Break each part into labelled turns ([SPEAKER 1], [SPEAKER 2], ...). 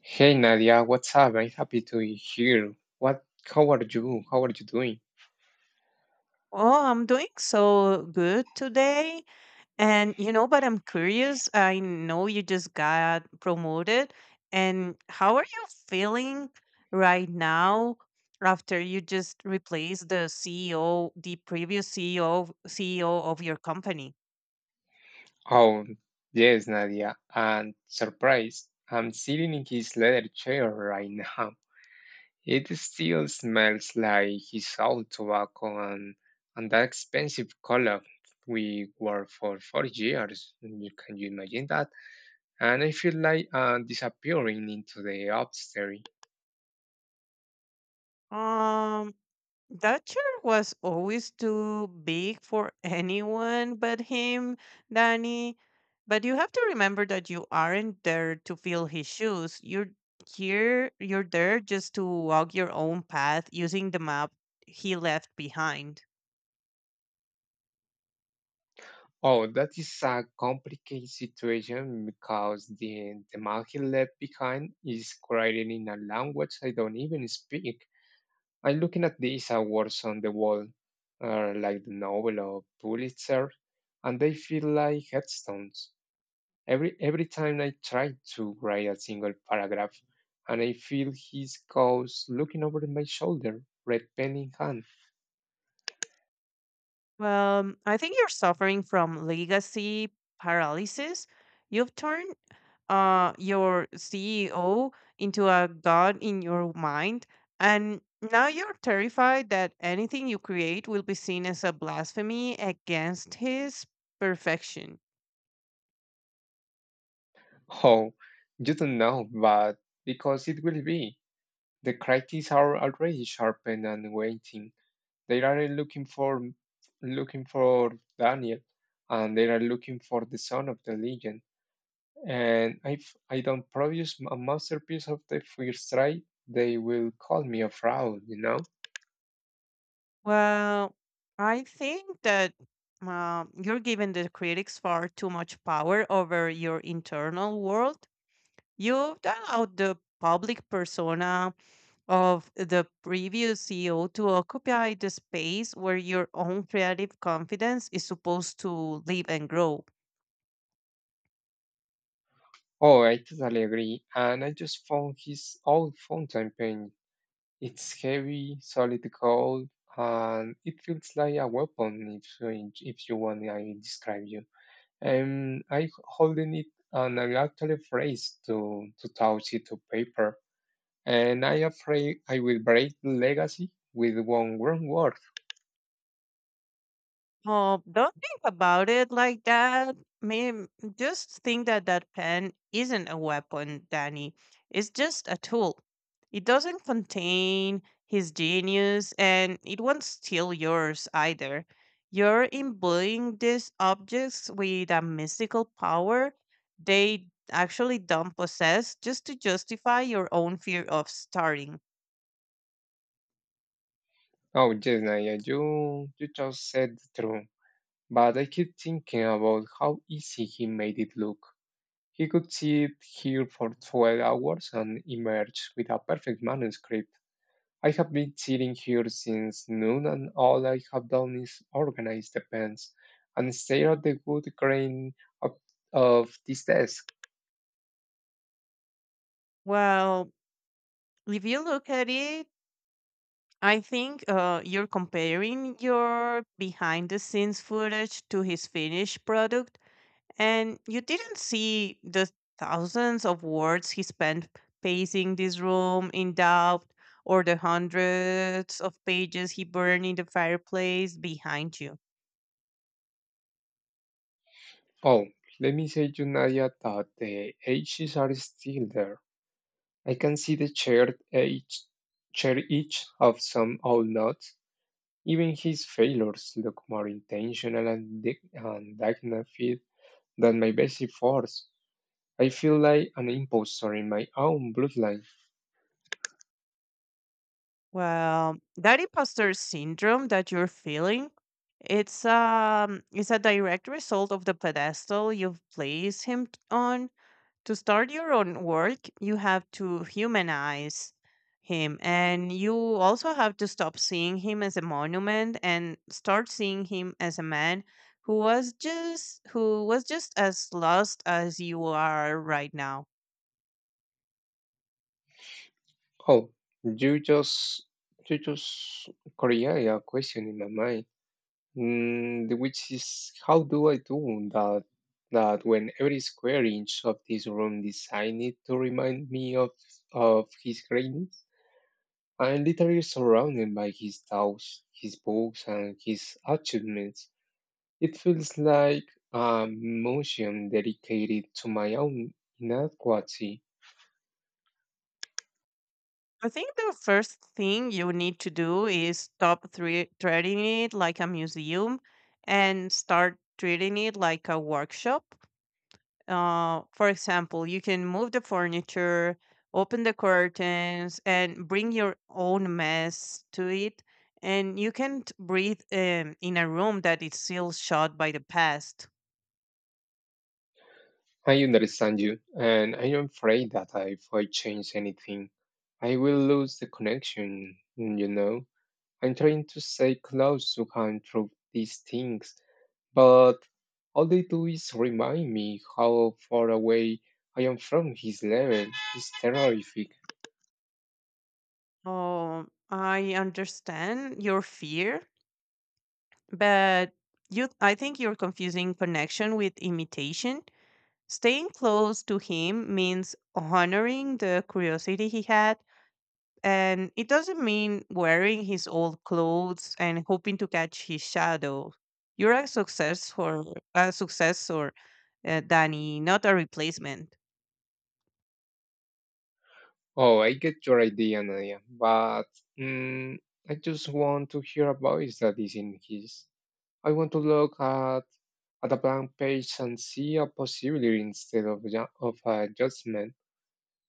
[SPEAKER 1] Hey Nadia, what's up? I'm happy to hear. What? How are you? How are you doing?
[SPEAKER 2] Oh, I'm doing so good today. And you know, but I'm curious. I know you just got promoted. And how are you feeling right now after you just replaced the CEO, the previous CEO, CEO of your company?
[SPEAKER 1] Oh, yes, Nadia. And surprise, I'm sitting in his leather chair right now. It still smells like his old tobacco and that expensive cologne we wore for 4 years. You can you imagine that? And I feel like disappearing into the upstairs.
[SPEAKER 2] Um, That chair was always too big for anyone but him, Danny. But you have to remember that you aren't there to fill his shoes. You're there just to walk your own path using the map he left behind.
[SPEAKER 1] Oh, that is a complicated situation because the man he left behind is writing in a language I don't even speak. I'm looking at these awards on the wall, like the Nobel or Pulitzer, and they feel like headstones. Every time I try to write a single paragraph, and I feel his ghost looking over my shoulder, red pen in hand.
[SPEAKER 2] Well, I think you're suffering from legacy paralysis. You've turned your CEO into a god in your mind, and now you're terrified that anything you create will be seen as a blasphemy against his perfection.
[SPEAKER 1] Oh, you don't know, but because it will be. The critics are already sharpened and waiting. They are looking for Daniel, and they are looking for the son of the legend. And if I don't produce a masterpiece of the first try, they will call me a fraud.
[SPEAKER 2] Well, I think that you're giving the critics far too much power over your internal world. You've done out the public persona of the previous CEO to occupy the space where your own creative confidence is supposed to live and grow.
[SPEAKER 1] Oh, I totally agree. And I just found his old fountain pen. It's heavy, solid gold, and it feels like a weapon if you want I describe you. And I holding it, and I'm actually afraid to touch it to paper. And I afraid I will break the legacy with one wrong word.
[SPEAKER 2] Oh, don't think about it like that. Maybe just think that that pen isn't a weapon, Danny. It's just a tool. It doesn't contain his genius and it won't steal yours either. You're imbuing these objects with a mystical power they actually don't possess just to justify your own fear of starting.
[SPEAKER 1] Oh yes, Naya, you just said the truth. But I keep thinking about how easy he made it look. He could sit here for 12 hours and emerge with a perfect manuscript. I have been sitting here since noon, and all I have done is organize the pens and stare at the wood grain of, of this desk.
[SPEAKER 2] Well, if you look at it, I think you're comparing your behind the scenes footage to his finished product, and you didn't see the thousands of words he spent pacing this room in doubt, or the hundreds of pages he burned in the fireplace behind you.
[SPEAKER 1] Oh, let me say to Nadia that the edges are still there. I can see the shared edge of some old notes. Even his failures look more intentional and dignified than my basic force. I feel like an imposter in my own bloodline.
[SPEAKER 2] Well, that imposter syndrome that you're feeling, it's a direct result of the pedestal you've placed him on to start your own work, you have to humanize him and you also have to stop seeing him as a monument and start seeing him as a man who was just as lost as you are right now.
[SPEAKER 1] Oh, you just you just create a question in my mind, which is how do I do that? That when every square inch of this room designed it to remind me of his greatness, I'm literally surrounded by his thoughts, his books, and his achievements. It feels like a museum dedicated to my own inadequacy.
[SPEAKER 2] I think the first thing you need to do is stop treating it like a museum and start treating it like a workshop. For example, you can move the furniture, open the curtains, and bring your own mess to it. And you can't breathe in a room that is still shut by the past.
[SPEAKER 1] I understand you, and I am afraid that if I change anything, I will lose the connection. You know. I'm trying to stay close to him through these things, but all they do is remind me how far away I am from his level. It's terrific.
[SPEAKER 2] Oh, I understand your fear, but you I think you're confusing connection with imitation. Staying close to him means honoring the curiosity he had, and it doesn't mean wearing his old clothes and hoping to catch his shadow. You're a success for a successor, Danny, not a replacement.
[SPEAKER 1] Oh, I get your idea, Nadia, but mm, I just want to hear a voice that isn't his. I want to look at a blank page and see a possibility instead of a judgment.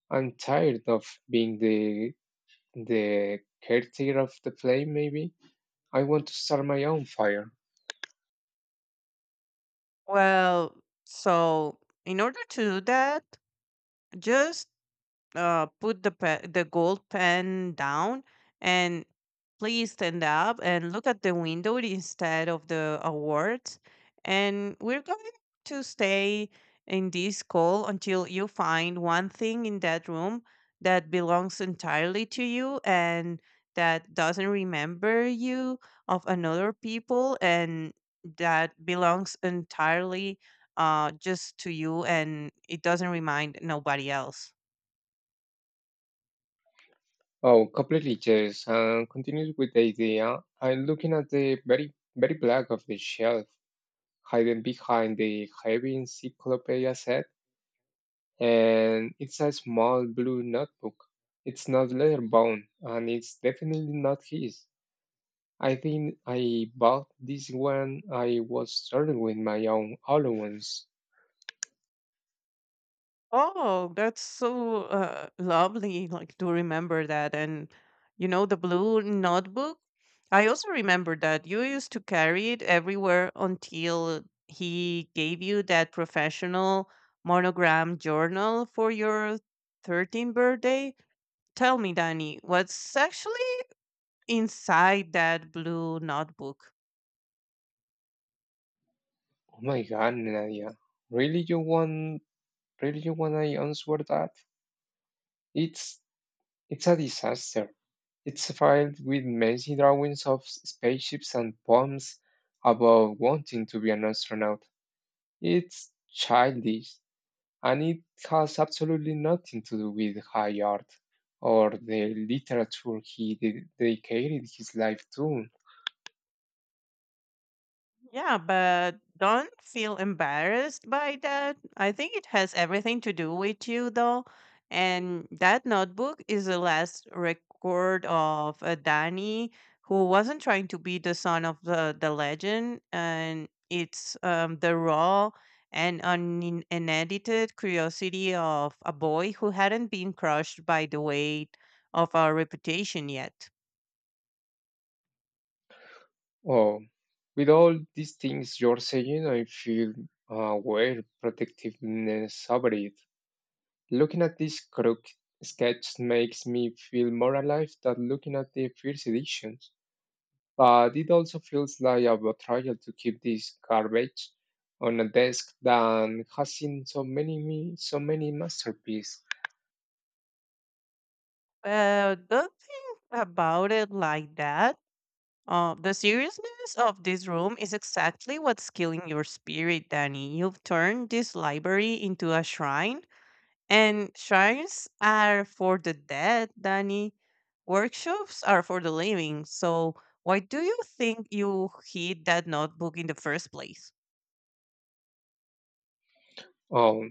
[SPEAKER 1] I'm tired of being the the caretaker of the flame. Maybe I want to start my own fire.
[SPEAKER 2] Well, so in order to do that, just put the gold pen down and please stand up and look at the window instead of the awards. And we're going to stay in this call until you find one thing in that room that belongs entirely to you and that doesn't remember you of another people and that belongs entirely just to you and it doesn't remind nobody else.
[SPEAKER 1] Oh, completely yes. And continues with the idea. I'm looking at the very black of the shelf, hidden behind the heavy encyclopedia set, and it's a small blue notebook. It's not leather bound, and it's definitely not his. I think I bought this one. I was starting with my own allowance.
[SPEAKER 2] Oh, that's so lovely, like to remember that. And you know, the blue notebook, I also remember that you used to carry it everywhere until he gave you that professional monogram journal for your 13th birthday. Tell me, Danny, what's actually inside that blue notebook?
[SPEAKER 1] Oh my god, Nadia. Really you want Really you want I answer that? It's it's a disaster. It's filled with messy drawings of spaceships and poems about wanting to be an astronaut. It's childish and it has absolutely nothing to do with high art or the literature he dedicated his life to.
[SPEAKER 2] Yeah, but don't feel embarrassed by that. I think it has everything to do with you, though. And that notebook is the last record of Danny, who wasn't trying to be the son of the legend. And it's the raw and unedited curiosity of a boy who hadn't been crushed by the weight of our reputation yet.
[SPEAKER 1] Oh, with all these things you're saying, I feel where protectiveness over it. Looking at this crook sketch makes me feel more alive than looking at the first editions. But it also feels like a betrayal to keep this garbage on a desk that has seen so many masterpieces.
[SPEAKER 2] Don't think about it like that. The seriousness of this room is exactly what's killing your spirit, Danny. You've turned this library into a shrine, and shrines are for the dead, Danny. Workshops are for the living. So, why do you think you hid that notebook in the first place?
[SPEAKER 1] Oh,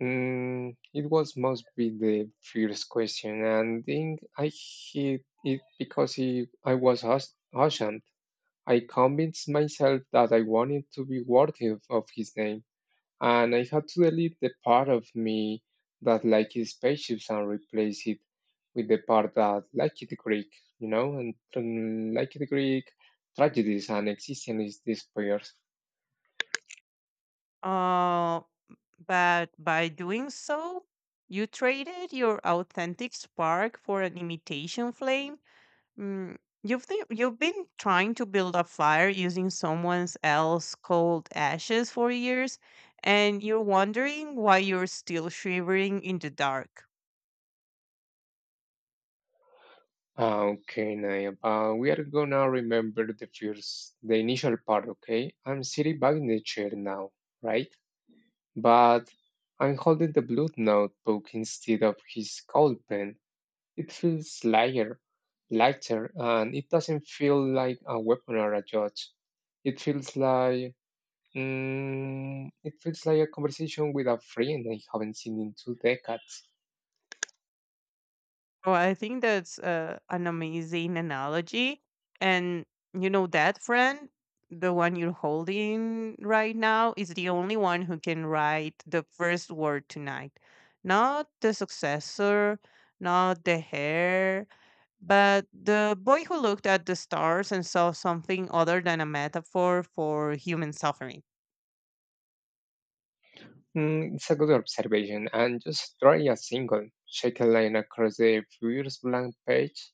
[SPEAKER 1] it was must be the first question, and then I hit it because it, I was auctioned. I convinced myself that I wanted to be worthy of his name, and I had to delete the part of me that liked his spaceships and replace it with the part that liked the Greek and liked the Greek tragedies and existence despairs.
[SPEAKER 2] Uh, but by doing so, you traded your authentic spark for an imitation flame. Mm, you've been trying to build a fire using someone else's cold ashes for years, and you're wondering why you're still shivering in the dark.
[SPEAKER 1] Ah, okay, Nayab. We are gonna remember the the initial part, okay? I'm sitting back in the chair now, right? But I'm holding the blue notebook instead of his cold pen. It feels lighter, and it doesn't feel like a weapon or a judge. It feels like, it feels like a conversation with a friend I haven't seen in 2 decades.
[SPEAKER 2] Well, I think that's an amazing analogy, and you know that friend, the one you're holding right now, is the only one who can write the first word tonight, not the successor, not the heir, but the boy who looked at the stars and saw something other than a metaphor for human suffering.
[SPEAKER 1] It's a good observation. And just drawing a single, shake a line across a furious blank page,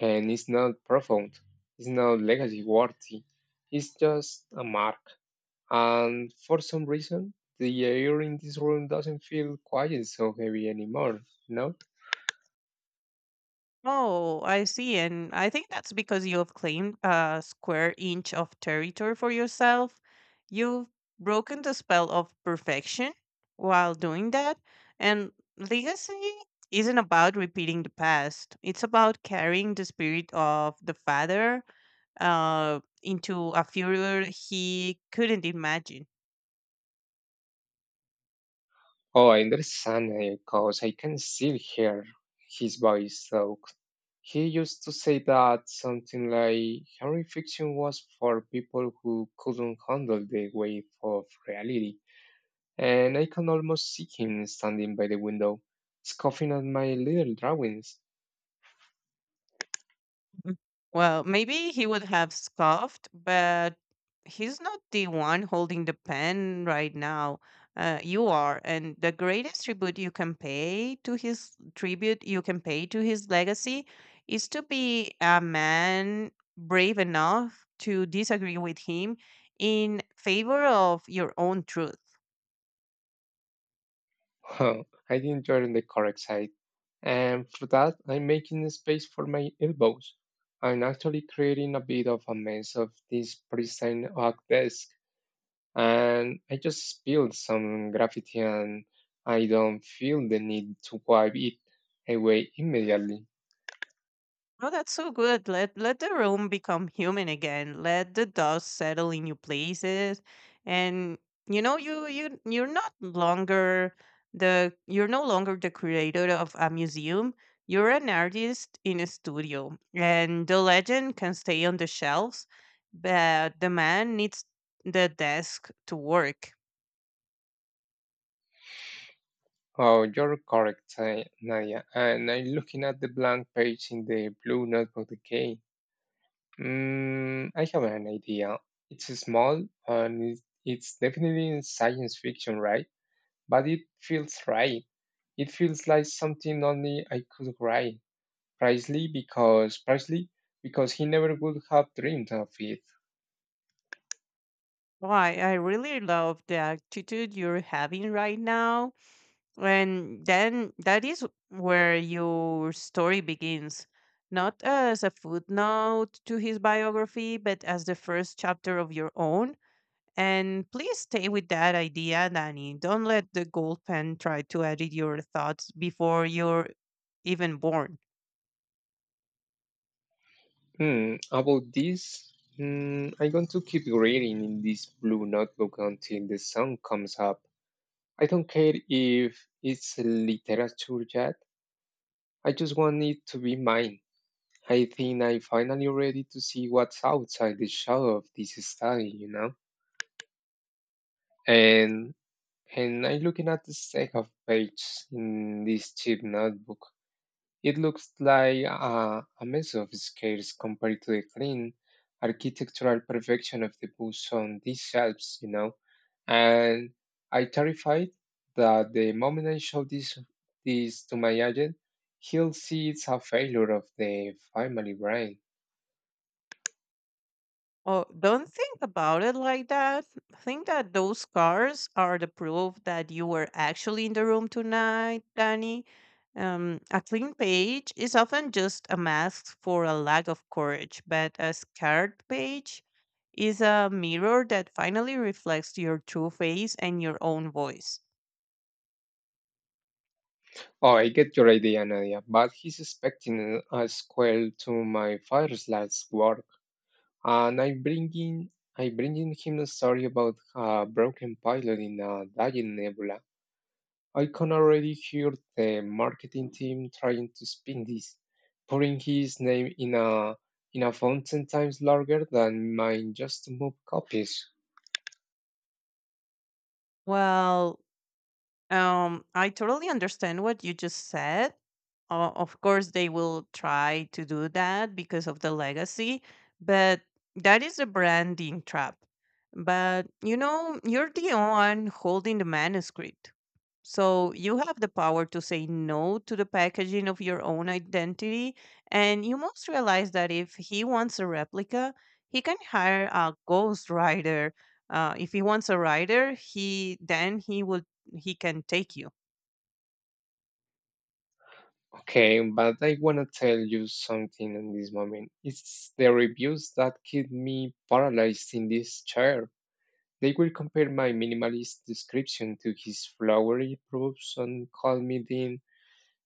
[SPEAKER 1] and it's not profound. It's not legacy worthy. It's just a mark. And for some reason, the air in this room doesn't feel quite so heavy anymore. No?
[SPEAKER 2] Oh, I see. And I think that's because you have claimed a square inch of territory for yourself. You've broken the spell of perfection while doing that. And legacy isn't about repeating the past, it's about carrying the spirit of the father into a future he couldn't imagine.
[SPEAKER 1] Oh, I understand, because I can still hear his voice, so he used to say that something like Harry fiction was for people who couldn't handle the weight of reality, and I can almost see him standing by the window, scoffing at my little drawings.
[SPEAKER 2] Mm. Well, maybe he would have scoffed, but he's not the one holding the pen right now. You are, and the greatest tribute you can pay to his tribute you can pay to his legacy is to be a man brave enough to disagree with him in favor of your own truth.
[SPEAKER 1] I didn't turn the correct side, and for that, I'm making space for my elbows. I'm actually creating a bit of a mess of this pristine oak desk, and I just spilled some graffiti and I don't feel the need to wipe it away immediately.
[SPEAKER 2] No, that's so good. Let the room become human again. Let the dust settle in your places, and you know you're no longer the creator of a museum. You're an artist in a studio, and the legend can stay on the shelves, but the man needs the desk to work.
[SPEAKER 1] Oh, you're correct, eh, Nadia. And I'm looking at the blank page in the blue notebook again. I have an idea. It's small and it's definitely in science fiction, right? But it feels right. It feels like something only I could write. Precisely because he never would have dreamed of it.
[SPEAKER 2] Why? I really love the attitude you're having right now. And then that is where your story begins, not as a footnote to his biography, but as the first chapter of your own. And please stay with that idea, Danny. Don't let the gold pen try to edit your thoughts before you're even born.
[SPEAKER 1] I'm going to keep reading in this blue notebook until the sun comes up. I don't care if it's literature yet, I just want it to be mine. I think I'm finally ready to see what's outside the shadow of this study, you know? And and I'm looking at the stack of pages in this cheap notebook. It looks like a mess of scales compared to the clean architectural perfection of the bus on these shelves, you know. And I terrified that the moment I show this to my agent, he'll see it's a failure of the family brain.
[SPEAKER 2] Oh, don't think about it like that. Think that those scars are the proof that you were actually in the room tonight, Danny. A clean page is often just a mask for a lack of courage, but a scarred page is a mirror that finally reflects your true face and your own voice.
[SPEAKER 1] Oh, I get your idea, Nadia, but he's expecting a squirrel to my father's last work. And I'm bringing him a story about a broken pilot in a dying nebula. I can already hear the marketing team trying to spin this, putting his name in a font 10 times larger than mine just to move copies.
[SPEAKER 2] Well, I totally understand what you just said. Of course, they will try to do that because of the legacy, but that is a branding trap. But you know, you're the one holding the manuscript. So you have the power to say no to the packaging of your own identity, and you must realize that if he wants a replica, he can hire a ghost rider. If he wants a rider, he then he will he can take you.
[SPEAKER 1] Okay, but I wanna tell you something in this moment. It's the reviews that keep me paralyzed in this chair. They will compare my minimalist description to his flowery proofs and call me the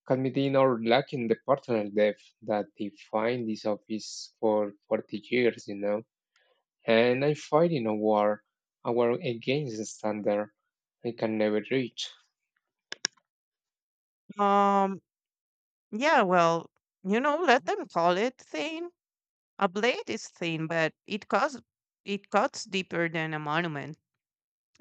[SPEAKER 1] Calmedino, lacking the personal depth that defined this office for 40 years, you know. And I fight in a war against the standard I can never reach.
[SPEAKER 2] Um, yeah, well, you know, let them call it thin. A blade is thin, but it cuts deeper than a monument.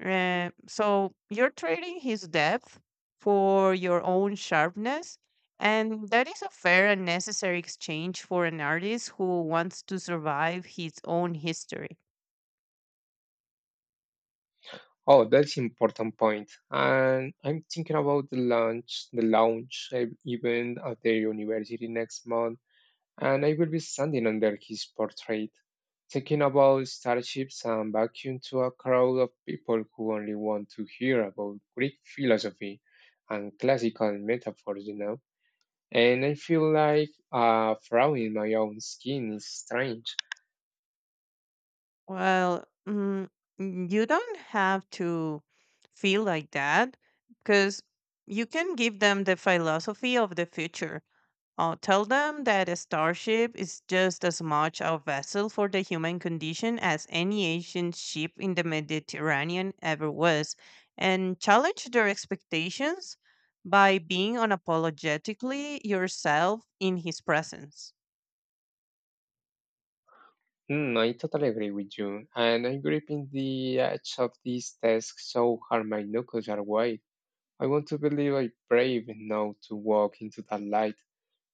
[SPEAKER 2] So you're trading his depth for your own sharpness. And that is a fair and necessary exchange for an artist who wants to survive his own history.
[SPEAKER 1] Oh, that's important point. And I'm thinking about the event at the university next month. And I will be standing under his portrait, talking about starships and vacuum to a crowd of people who only want to hear about Greek philosophy and classical metaphors, you know. And I feel like a frown in my own skin is strange.
[SPEAKER 2] Well, you don't have to feel like that because you can give them the philosophy of the future. Tell them that a starship is just as much a vessel for the human condition as any ancient ship in the Mediterranean ever was, and challenge their expectations by being unapologetically yourself in his presence.
[SPEAKER 1] I totally agree with you. And I'm gripping the edge of this desk so hard my knuckles are white. I want to believe I brave enough to walk into that light,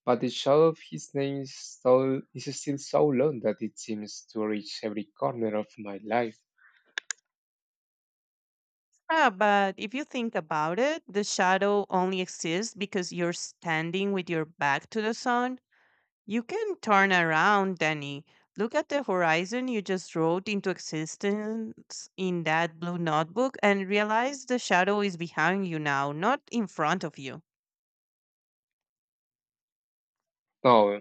[SPEAKER 1] but the shadow of his name is still so long that it seems to reach every corner of my life.
[SPEAKER 2] Yeah, but if you think about it, the shadow only exists because you're standing with your back to the sun. You can turn around, Danny. Look at the horizon you just wrote into existence in that blue notebook and realize the shadow is behind you now, not in front of you.
[SPEAKER 1] Now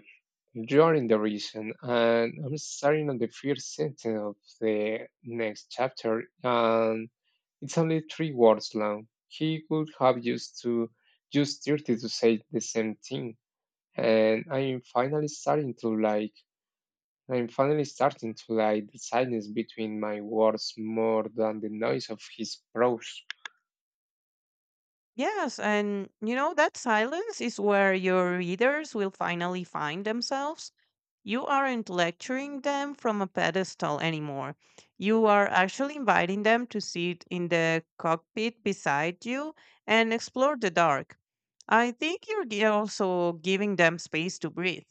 [SPEAKER 1] you are in the region, and I'm starting on the first sentence of the next chapter, and it's only 3 words long. He could have used 30 to say the same thing, and I'm finally starting to like the silence between my words more than the noise of his prose.
[SPEAKER 2] Yes, and you know, that silence is where your readers will finally find themselves. You aren't lecturing them from a pedestal anymore. You are actually inviting them to sit in the cockpit beside you and explore the dark. I think you're also giving them space to breathe.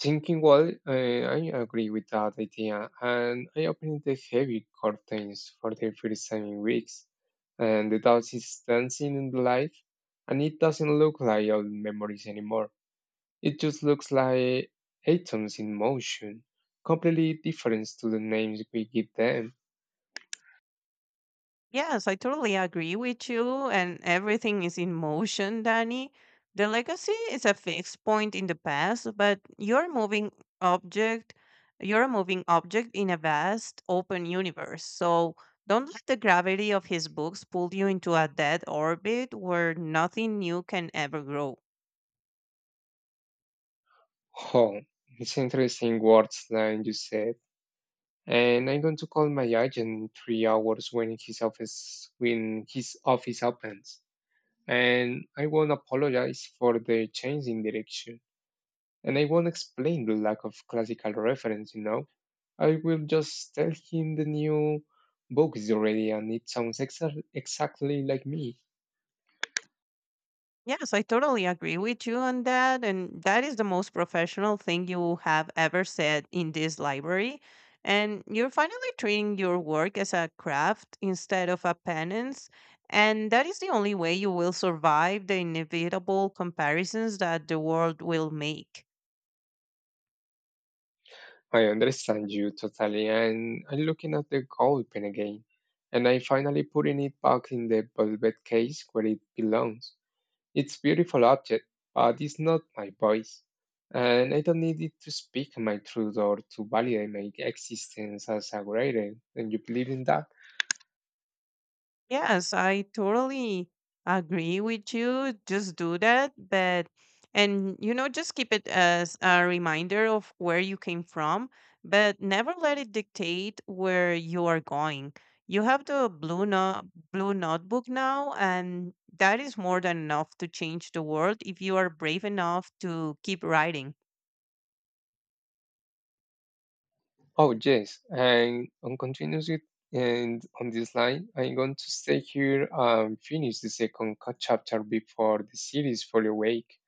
[SPEAKER 1] Thinking well, I agree with that idea, and I opened the heavy curtains for the first time in weeks, and the doubt is dancing in the light, and it doesn't look like old memories anymore. It just looks like atoms in motion, completely different to the names we give them.
[SPEAKER 2] Yes, I totally agree with you, and everything is in motion, Danny. The legacy is a fixed point in the past, but object, you're a moving object in a vast open universe. So don't let the gravity of his books pull you into a dead orbit where nothing new can ever grow.
[SPEAKER 1] Oh, it's interesting words line you said. And I'm going to call my agent in 3 hours when his office opens. And I won't apologize for the change in direction. And I won't explain the lack of classical reference, you know. I will just tell him the new book is already and it sounds exactly like me.
[SPEAKER 2] Yes, I totally agree with you on that. And that is the most professional thing you have ever said in this library. And you're finally treating your work as a craft instead of a penance. And that is the only way you will survive the inevitable comparisons that the world will make.
[SPEAKER 1] I understand you totally, and I'm looking at the gold pen again, and I finally putting it back in the velvet case where it belongs. It's beautiful object, but it's not my voice, and I don't need it to speak my truth or to validate my existence as a writer. And you believe in that?
[SPEAKER 2] Yes, I totally agree with you. Just do that, but and you know, just keep it as a reminder of where you came from, but never let it dictate where you are going. You have the blue no blue notebook now, and that is more than enough to change the world if you are brave enough to keep writing.
[SPEAKER 1] Oh yes, and on continues it. And on this line, I'm going to stay here and finish the chapter before the series fully awake.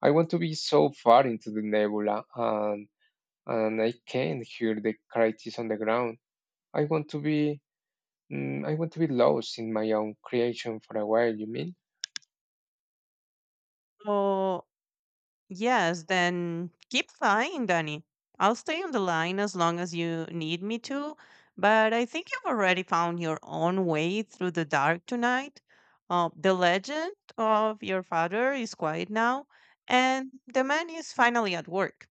[SPEAKER 1] I want to be so far into the nebula, and I can't hear the crisis on the ground. I want to be I want to be lost in my own creation for a while, you mean?
[SPEAKER 2] So Yes, then keep flying, Danny. I'll stay on the line as long as you need me to, but I think you've already found your own way through the dark tonight. The legend of your father is quiet now, and the man is finally at work.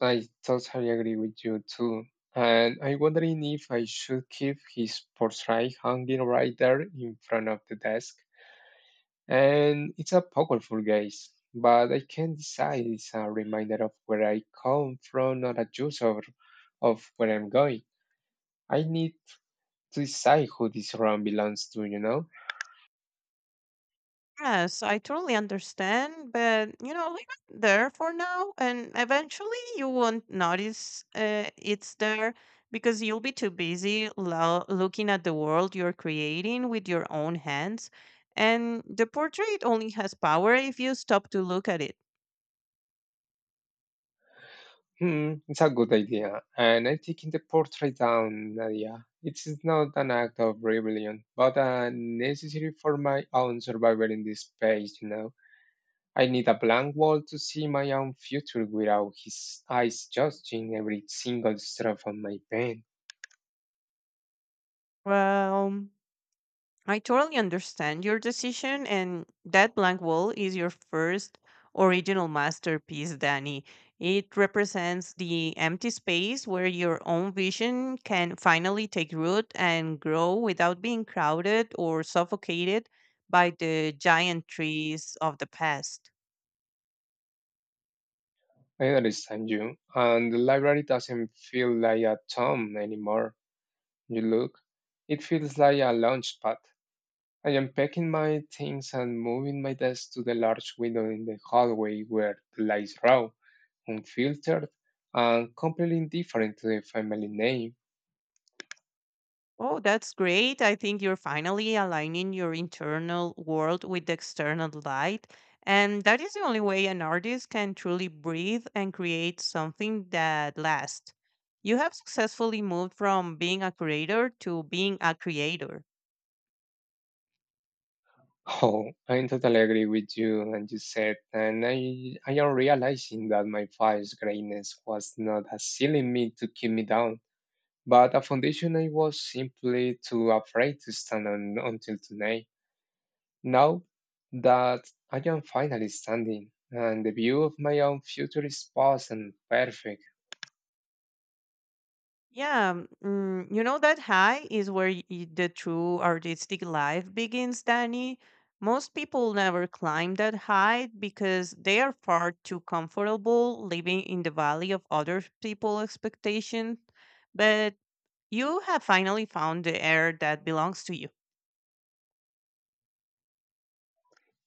[SPEAKER 1] I totally agree with you too. And I'm wondering if I should keep his portrait hanging right there in front of the desk. And it's a powerful gaze, but I can't decide it's a reminder of where I come from or a of where I'm going. I need to decide who this room belongs to, you know?
[SPEAKER 2] Yes, I totally understand, but you know, leave it there for now, and eventually you won't notice it's there because you'll be too busy looking at the world you're creating with your own hands. And the portrait only has power if you stop to look at it.
[SPEAKER 1] It's a good idea, and I'm taking the portrait down, Nadia. It is not an act of rebellion, but necessary for my own survival in this space, you know. I need a blank wall to see my own future without his eyes judging every single stroke on my pen.
[SPEAKER 2] Well, I totally understand your decision, and that blank wall is your first original masterpiece, Danny. It represents the empty space where your own vision can finally take root and grow without being crowded or suffocated by the giant trees of the past.
[SPEAKER 1] I understand you, and the library doesn't feel like a tomb anymore. You look, it feels like a launch pad. I am packing my things and moving my desk to the large window in the hallway where the lights raw, unfiltered, and completely indifferent to the family name.
[SPEAKER 2] Oh, that's great. I think you're finally aligning your internal world with the external light. And that is the only way an artist can truly breathe and create something that lasts. You have successfully moved from being a creator to being a creator.
[SPEAKER 1] Oh, I totally agree with you and you said, and I am realizing that my father's greatness was not a ceiling me to keep me down, but a foundation I was simply too afraid to stand on until tonight. Now that I am finally standing, and the view of my own future is vast and perfect.
[SPEAKER 2] Yeah, you know that high is where the true artistic life begins, Danny. Most people never climb that high because they are far too comfortable living in the valley of other people's expectations. But you have finally found the air that belongs to you.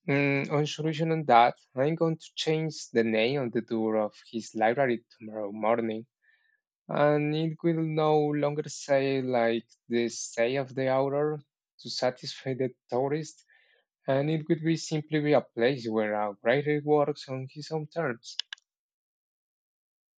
[SPEAKER 1] On solution on that, I'm going to change the name on the door of his library tomorrow morning, and it will no longer say like the say of the author to satisfy the tourist, and it will be simply be a place where a writer works on his own terms.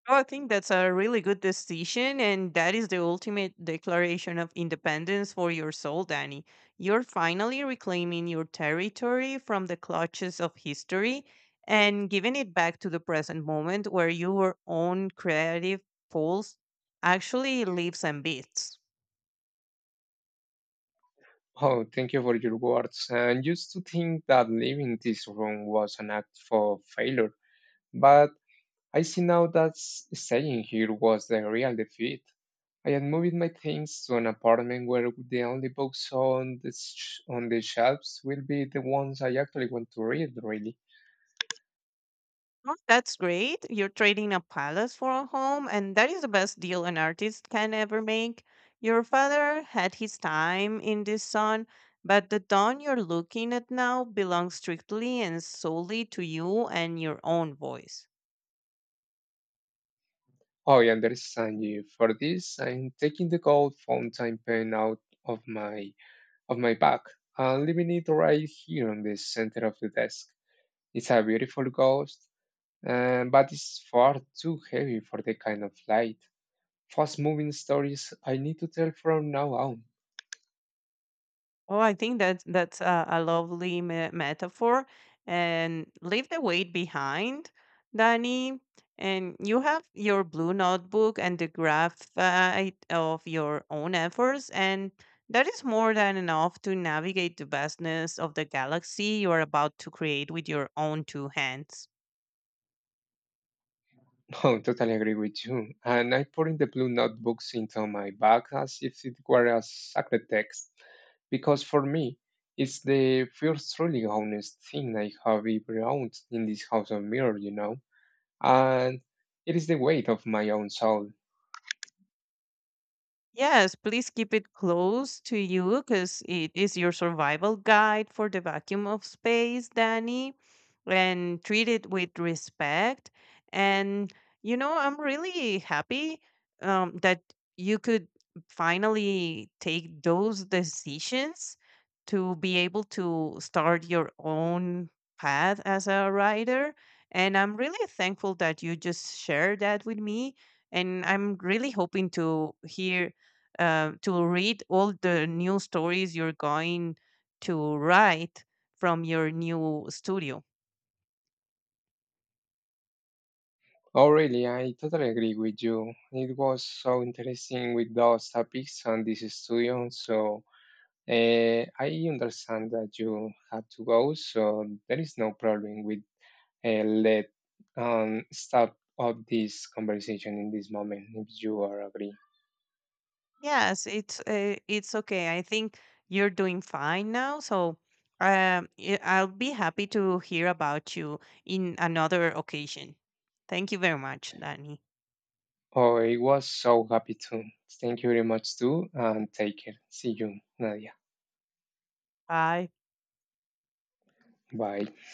[SPEAKER 2] Oh, I think that's a really good decision, and that is the ultimate declaration of independence for your soul, Danny. You're finally reclaiming your territory from the clutches of history and giving it back to the present moment where your own creative pulse actually lives and beats.
[SPEAKER 1] Oh, thank you for your words. And used to think that leaving this room was an act for failure, but I see now that staying here was the real defeat. I had moved my things to an apartment where the only books on the on the shelves will be the ones I actually want to read, really.
[SPEAKER 2] Oh, that's great. You're trading a palace for a home, and that is the best deal an artist can ever make. Your father had his time in this sun, but the dawn you're looking at now belongs strictly and solely to you and your own voice.
[SPEAKER 1] Oh, I understand you. For this, I'm taking the gold fountain pen out of my bag and leaving it right here on the center of the desk. It's a beautiful ghost, and but it's far too heavy for the kind of light, fast-moving stories I need to tell from now on.
[SPEAKER 2] Oh, I think that that's a lovely metaphor. And leave the weight behind, Danny. And you have your blue notebook and the graph of your own efforts. And that is more than enough to navigate the vastness of the galaxy you are about to create with your own two hands.
[SPEAKER 1] Oh, totally agree with you. And I put in the blue notebooks into my bag as if it were a sacred text, because for me, it's the first truly honest thing I have ever owned in this house of mirror, you know, and it is the weight of my own soul.
[SPEAKER 2] Yes, please keep it close to you because it is your survival guide for the vacuum of space, Danny. And treat it with respect. And, you know, I'm really happy that you could finally take those decisions to be able to start your own path as a writer. And I'm really thankful that you just shared that with me. And I'm really hoping to hear to read all the new stories you're going to write from your new studio.
[SPEAKER 1] Oh, really, I totally agree with you. It was so interesting with those topics and this studio, so I understand that you had to go, so there is no problem with let stop up this conversation in this moment if you are agree.
[SPEAKER 2] Yes, it's okay. I think you're doing fine now. So I'll be happy to hear about you in another occasion. Thank you very much, Danny.
[SPEAKER 1] Oh, I was so happy to. Thank you very much too, and take care. See you, Nadia.
[SPEAKER 2] Bye.
[SPEAKER 1] Bye.